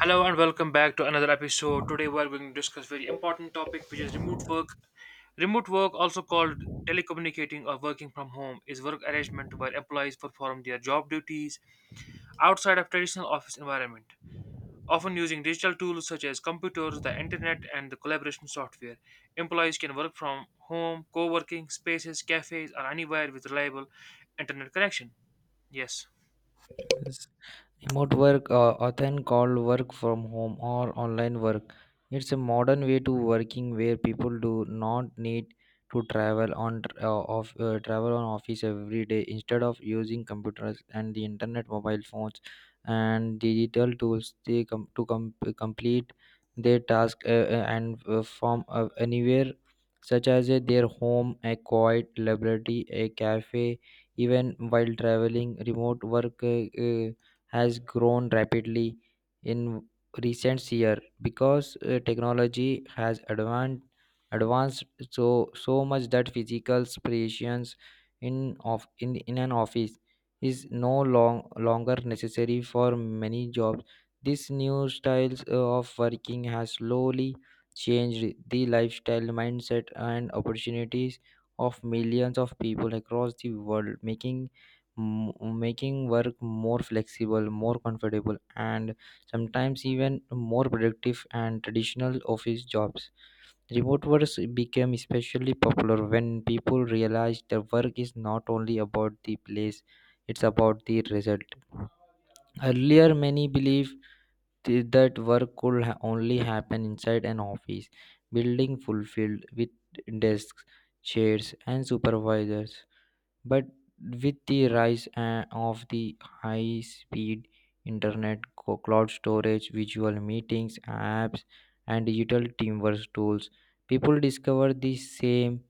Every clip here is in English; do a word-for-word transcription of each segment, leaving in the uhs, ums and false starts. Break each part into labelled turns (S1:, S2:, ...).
S1: Hello and welcome back to another episode. Today we are going to discuss very important topic which is remote work. Remote work also called telecommunicating or working from home is work arrangement where employees perform their job duties outside of traditional office environment. Often using digital tools such as computers, the internet and the collaboration software. Employees can work from home, co-working spaces, cafes or anywhere with reliable internet connection. Yes.
S2: Yes. Remote work, uh, often called work from home or online work, it's a modern way to working where people do not need to travel on uh, of uh, travel on office every day. Instead of using computers and the internet, mobile phones, and digital tools, they come to com- complete their task uh, uh, and uh, from uh, anywhere, such as uh, their home, a quiet library, a cafe. Even while traveling, remote work. Uh, uh, has grown rapidly in recent year because uh, technology has advanced advanced so so much that physical presence in of in, in an office is no long, longer necessary for many jobs. This new styles uh, of working has slowly changed the lifestyle mindset and opportunities of millions of people across the world, making m- making work more flexible, more comfortable, and sometimes even more productive and traditional office jobs. Remote work became especially popular when people realized the work is not only about the place, it's about the result. Earlier, many believed th- that work could ha- only happen inside an office, building fulfilled with desks, chairs, and supervisors. But with the rise uh, of the high speed internet, co- cloud storage, visual meetings, apps, and digital teamwork tools, people discover the same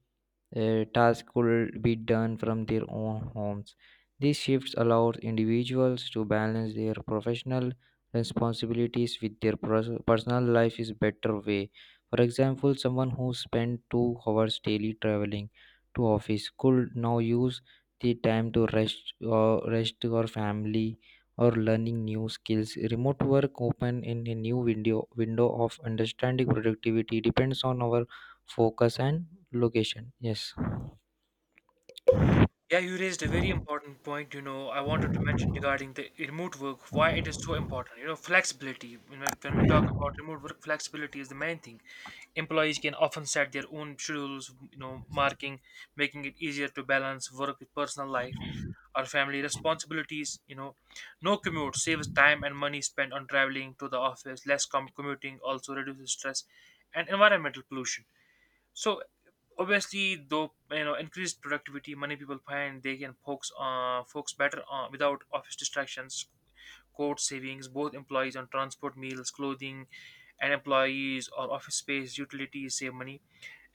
S2: uh, tasks could be done from their own homes. These shifts allow individuals to balance their professional responsibilities with their pers- personal life is better way. For example, someone who spent two hours daily traveling to office could now use the time to rest or rest or family or learning new skills. Remote work open in a new window window of understanding productivity depends on our focus and location. Yes.
S1: Yeah, you raised a very important point. You know, I wanted to mention regarding the remote work, why it is so important. You know, flexibility. You know, when we talk about remote work, flexibility is the main thing. Employees can often set their own schedules, you know, marking, making it easier to balance work with personal life or family responsibilities. You know, no commute saves time and money spent on traveling to the office. Less com- commuting also reduces stress and environmental pollution, so obviously, though you know, increased productivity, many people find they can focus uh, focus better on without office distractions. Cost savings, both employees on transport, meals, clothing, and employees or office space utilities save money.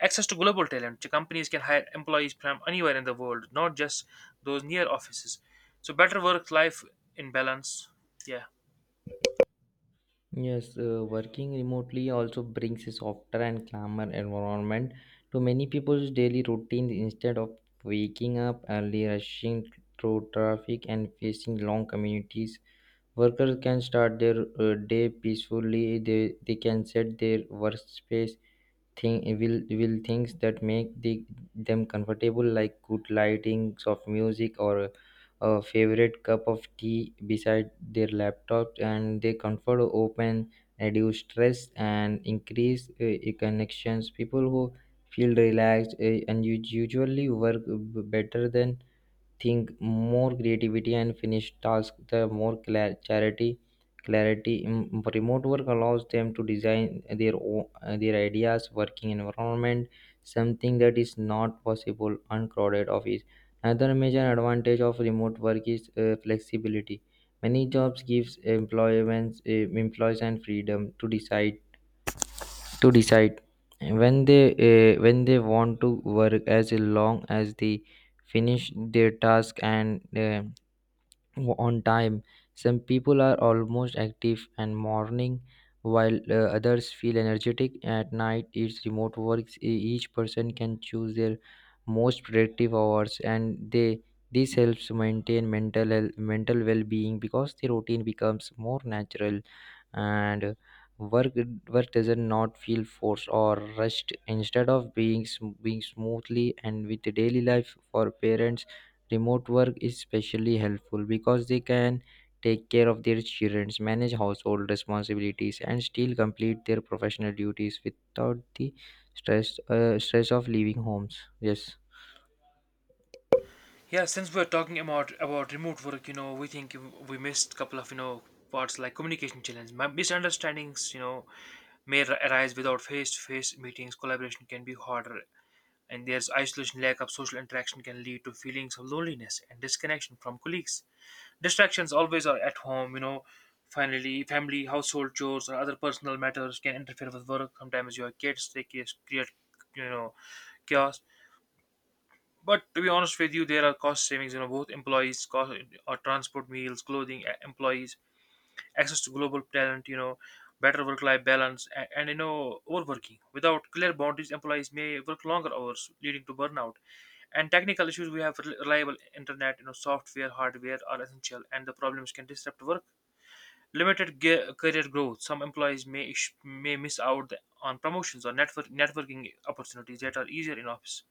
S1: Access to global talent. So, companies can hire employees from anywhere in the world, not just those near offices. So better work life in balance. Yeah.
S2: Yes, uh, working remotely also brings a softer and calmer environment to many people's daily routines instead of waking up early, rushing through traffic, and facing long communities. Workers can start their uh, day peacefully. They, they can set their workspace thing will will things that make the, them comfortable, like good lightings of music or a favorite cup of tea beside their laptop, and they comfort open reduce stress and increase uh, uh, connections. People who feel relaxed uh, and us- usually work b- better than think more creativity and finish task the more clar- charity clarity. Mm, remote work allows them to design their o- uh, their ideas working environment, something that is not possible uncrowded office. Another major advantage of remote work is uh, flexibility. Many jobs gives employment uh, employees and freedom to decide to decide when they uh, when they want to work as long as they finish their task and uh, on time. Some people are almost active and morning, while uh, others feel energetic at night. It's remote works. E- Each person can choose their most productive hours, and they this helps maintain mental health- mental well-being because the routine becomes more natural and work work doesn't not feel forced or rushed instead of being sm- being smoothly and with the daily life for parents. Remote work is especially helpful because they can take care of their children, manage household responsibilities, and still complete their professional duties without the stress uh, stress of leaving homes. Yes.
S1: Yeah, since we're talking about about remote work, you know, we think we missed a couple of you know parts like communication challenge, my misunderstandings, you know, may ar- arise without face-to-face meetings. Collaboration can be harder, and there's isolation. Lack of social interaction can lead to feelings of loneliness and disconnection from colleagues. Distractions always are at home, you know. Finally, family, household chores, or other personal matters can interfere with work. Sometimes your kids they create, create, you know, chaos. But to be honest with you, there are cost savings. You know, both employees, cost, or transport, meals, clothing, e- employees, access to global talent. You know, better work-life balance, and, and you know, overworking. Without clear boundaries, employees may work longer hours, leading to burnout. And technical issues, we have rel- reliable internet. You know, software, hardware are essential, and the problems can disrupt work. Limited ge- career growth. Some employees may ish- may miss out on promotions or network networking opportunities that are easier in office.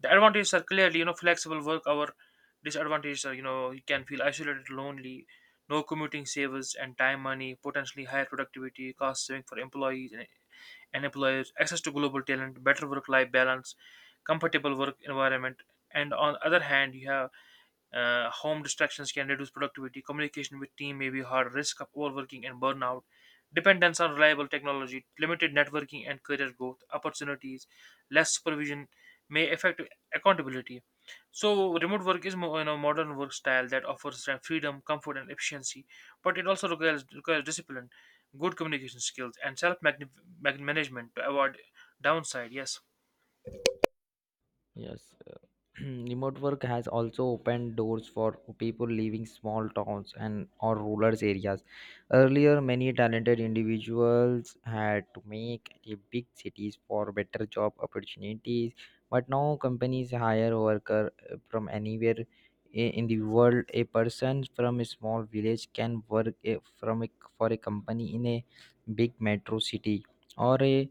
S1: The advantages are clearly, you know, flexible work hour. Disadvantages are, you know, you can feel isolated, lonely, no commuting savers and time money, potentially higher productivity, cost saving for employees and, and employers, access to global talent, better work life balance, comfortable work environment. And on other hand, you have uh, home distractions can reduce productivity. Communication with team may be hard. Risk of overworking and burnout. Dependence on reliable technology. Limited networking and career growth opportunities. Less supervision may affect accountability. So, remote work is more, you know, modern work style that offers freedom, comfort, and efficiency, but it also requires, requires discipline, good communication skills, and self management to avoid downside. Yes.
S2: Yes. Remote work has also opened doors for people leaving small towns and or rural areas. Earlier many talented individuals had to make the big cities for better job opportunities, but now companies hire worker uh, from anywhere i- in the world. A person from a small village can work a- from a, for a company in a big metro city or a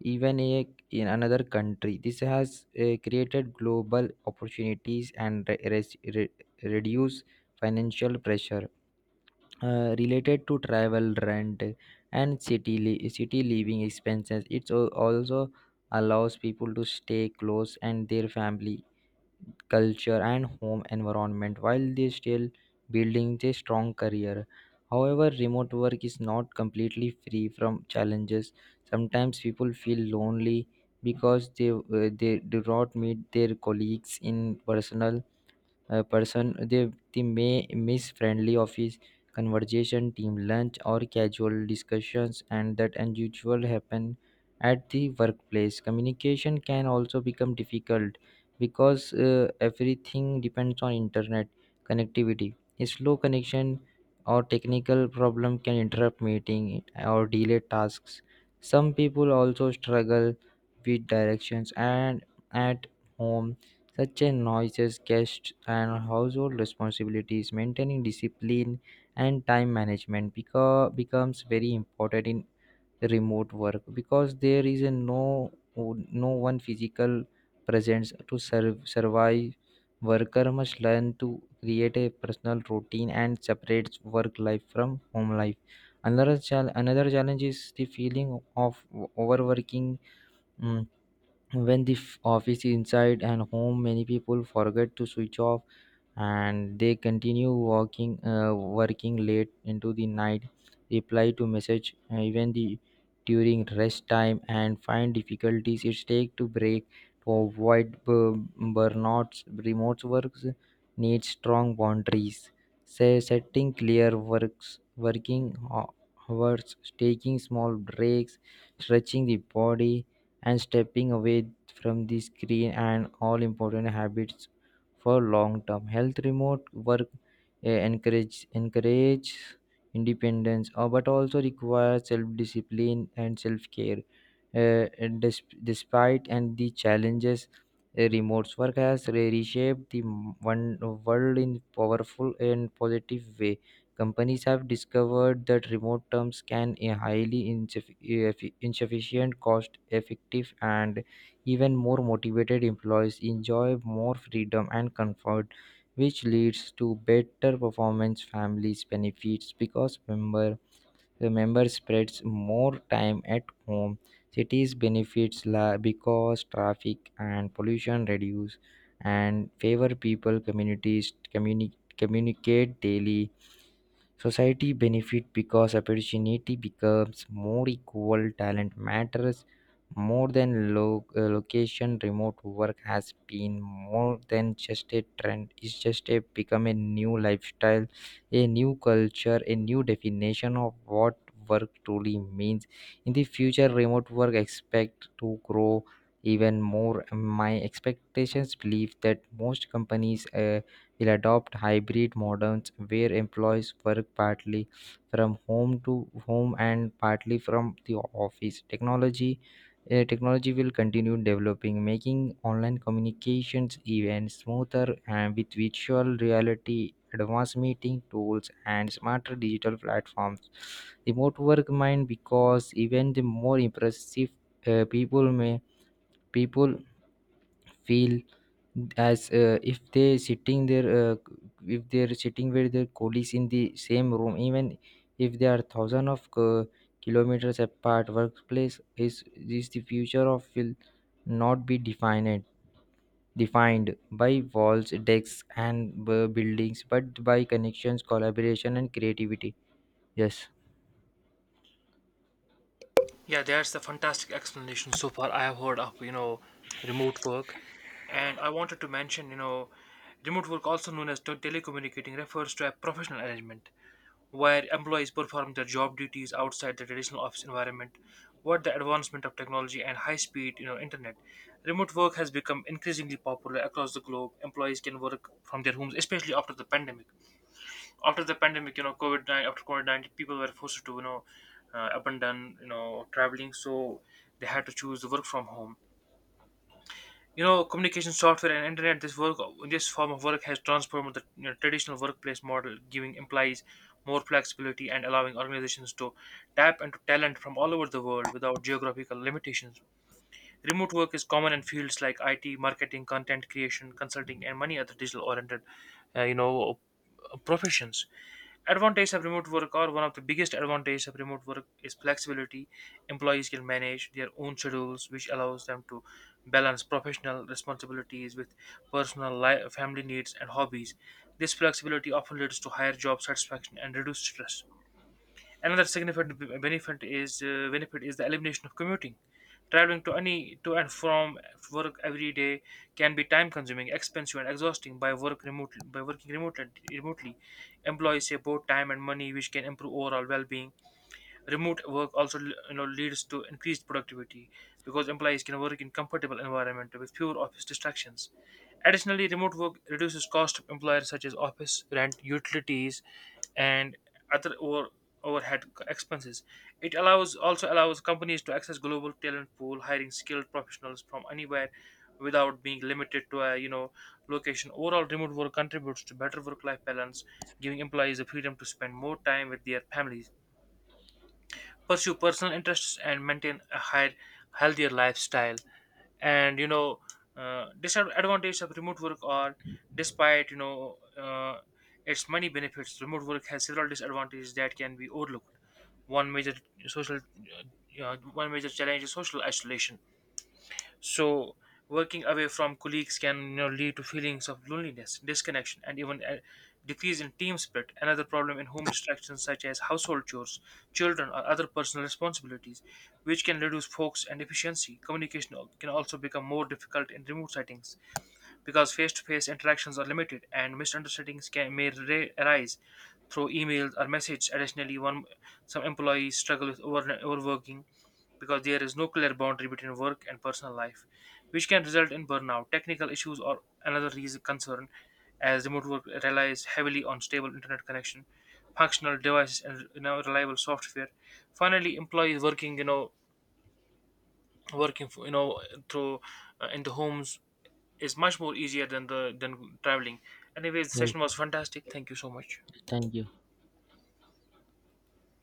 S2: even a, in another country. This has uh, created global opportunities and re- res- re- reduce financial pressure uh, related to travel, rent, and city li- city living expenses. It also allows people to stay close and their family culture and home environment while they still building a strong career. However remote work is not completely free from challenges. Sometimes people feel lonely because they uh, they do not meet their colleagues in personal. A person they, they may miss friendly office conversation, team lunch, or casual discussions and that unusual happen at the workplace. Communication can also become difficult because uh, everything depends on internet connectivity. A slow connection or technical problem can interrupt meeting or delay tasks. Some people also struggle with directions and at home, such a noises, guests, and household responsibilities. Maintaining discipline and time management beca- becomes very important in remote work because there is a no no one physical presence to serve, survive. Worker must learn to create a personal routine and separate work life from home life. Another chal- another challenge is the feeling of overworking. mm, when the f- office is inside and home, many people forget to switch off and they continue working uh, working late into the night, reply to message uh, even the during rest time and find difficulties it take to break. To avoid bu- burnouts remote works need strong boundaries, say setting clear works working ho- hours, taking small breaks, stretching the body, and stepping away from the screen and all important habits for long term health. Remote work eh, encourage encourage independence uh, but also requires self discipline and self care. Uh, and desp- despite and the challenges, eh, remote work has re- reshaped the m- one world in powerful and positive way. Companies have discovered that remote terms can be highly insuffi- effi- insufficient, cost effective, and even more motivated. Employees enjoy more freedom and comfort, which leads to better performance. Families benefits because member the member spreads more time at home. Cities benefits la- because traffic and pollution reduce and favor people communities communi- communicate daily. Society benefit because opportunity becomes more equal. Talent matters more than lo- uh, location. Remote work has been more than just a trend. It's just a become a new lifestyle, a new culture, a new definition of what work truly means. In the future, remote work expect to grow even more. My expectations believe that most companies. Uh, will adopt hybrid models where employees work partly from home to home and partly from the office. Technology uh, technology will continue developing, making online communications even smoother and with virtual reality, advanced meeting tools, and smarter digital platforms. Remote work might because even the more impressive. uh, people may People feel as uh, if they sitting there uh, if they're sitting with their colleagues in the same room, even if they are thousand of uh, kilometers apart. Workplace is is the future of will not be defined defined by walls decks and uh, buildings but by connections collaboration and creativity. Yes.
S1: Yeah, that's the fantastic explanation so far I have heard of, you know, remote work. And I wanted to mention, you know, remote work, also known as tel- telecommunicating, refers to a professional arrangement where employees perform their job duties outside the traditional office environment. What the advancement of technology and high-speed, you know, internet, remote work has become increasingly popular across the globe. Employees can work from their homes, especially after the pandemic after the pandemic, you know, COVID nine after COVID nineteen, people were forced to you know uh, up and down, you know, traveling, so they had to choose the work from home. You know, communication software and internet. This work, this form of work has transformed the you know, traditional workplace model, giving employees more flexibility and allowing organizations to tap into talent from all over the world without geographical limitations. Remote work is common in fields like I T, marketing, content creation, consulting, and many other digital-oriented, uh, you know, professions. Advantages of remote work, or one of the biggest advantages of remote work, is flexibility. Employees can manage their own schedules, which allows them to balance professional responsibilities with personal life, family needs, and hobbies. This flexibility often leads to higher job satisfaction and reduced stress. Another significant benefit is uh, benefit is the elimination of commuting. Traveling to any to and from work every day can be time-consuming, expensive, and exhausting. By work remote by working remotely, remotely, employees save both time and money, which can improve overall well-being. Remote work also you know leads to increased productivity because employees can work in comfortable environment with fewer office distractions. Additionally, remote work reduces cost of employers such as office rent, utilities, and other over, overhead expenses. It allows also allows companies to access global talent pool, hiring skilled professionals from anywhere without being limited to a you know location. Overall, remote work contributes to better work-life balance, giving employees the freedom to spend more time with their families, pursue personal interests, and maintain a higher healthier lifestyle. And you know uh, Disadvantages of remote work are, despite you know uh, its many benefits, remote work has several disadvantages that can be overlooked. One major social uh, you know, one major challenge is social isolation, so working away from colleagues can you know lead to feelings of loneliness, disconnection, and even a decrease in team spirit. Another problem in home distractions such as household chores, children, or other personal responsibilities which can reduce focus and efficiency. Communication al- can also become more difficult in remote settings because face-to-face interactions are limited, and misunderstandings can, may ra- arise through emails or messages. Additionally, one some employees struggle with over, overworking because there is no clear boundary between work and personal life, which can result in burnout. Technical issues are another reason concern, as remote work relies heavily on stable internet connection, functional devices, and you know, reliable software. Finally, employees working you know working you know through uh, in the homes is much more easier than the than traveling. Anyway, the
S2: Yes,
S1: session was fantastic. Thank you so much.
S2: thank you.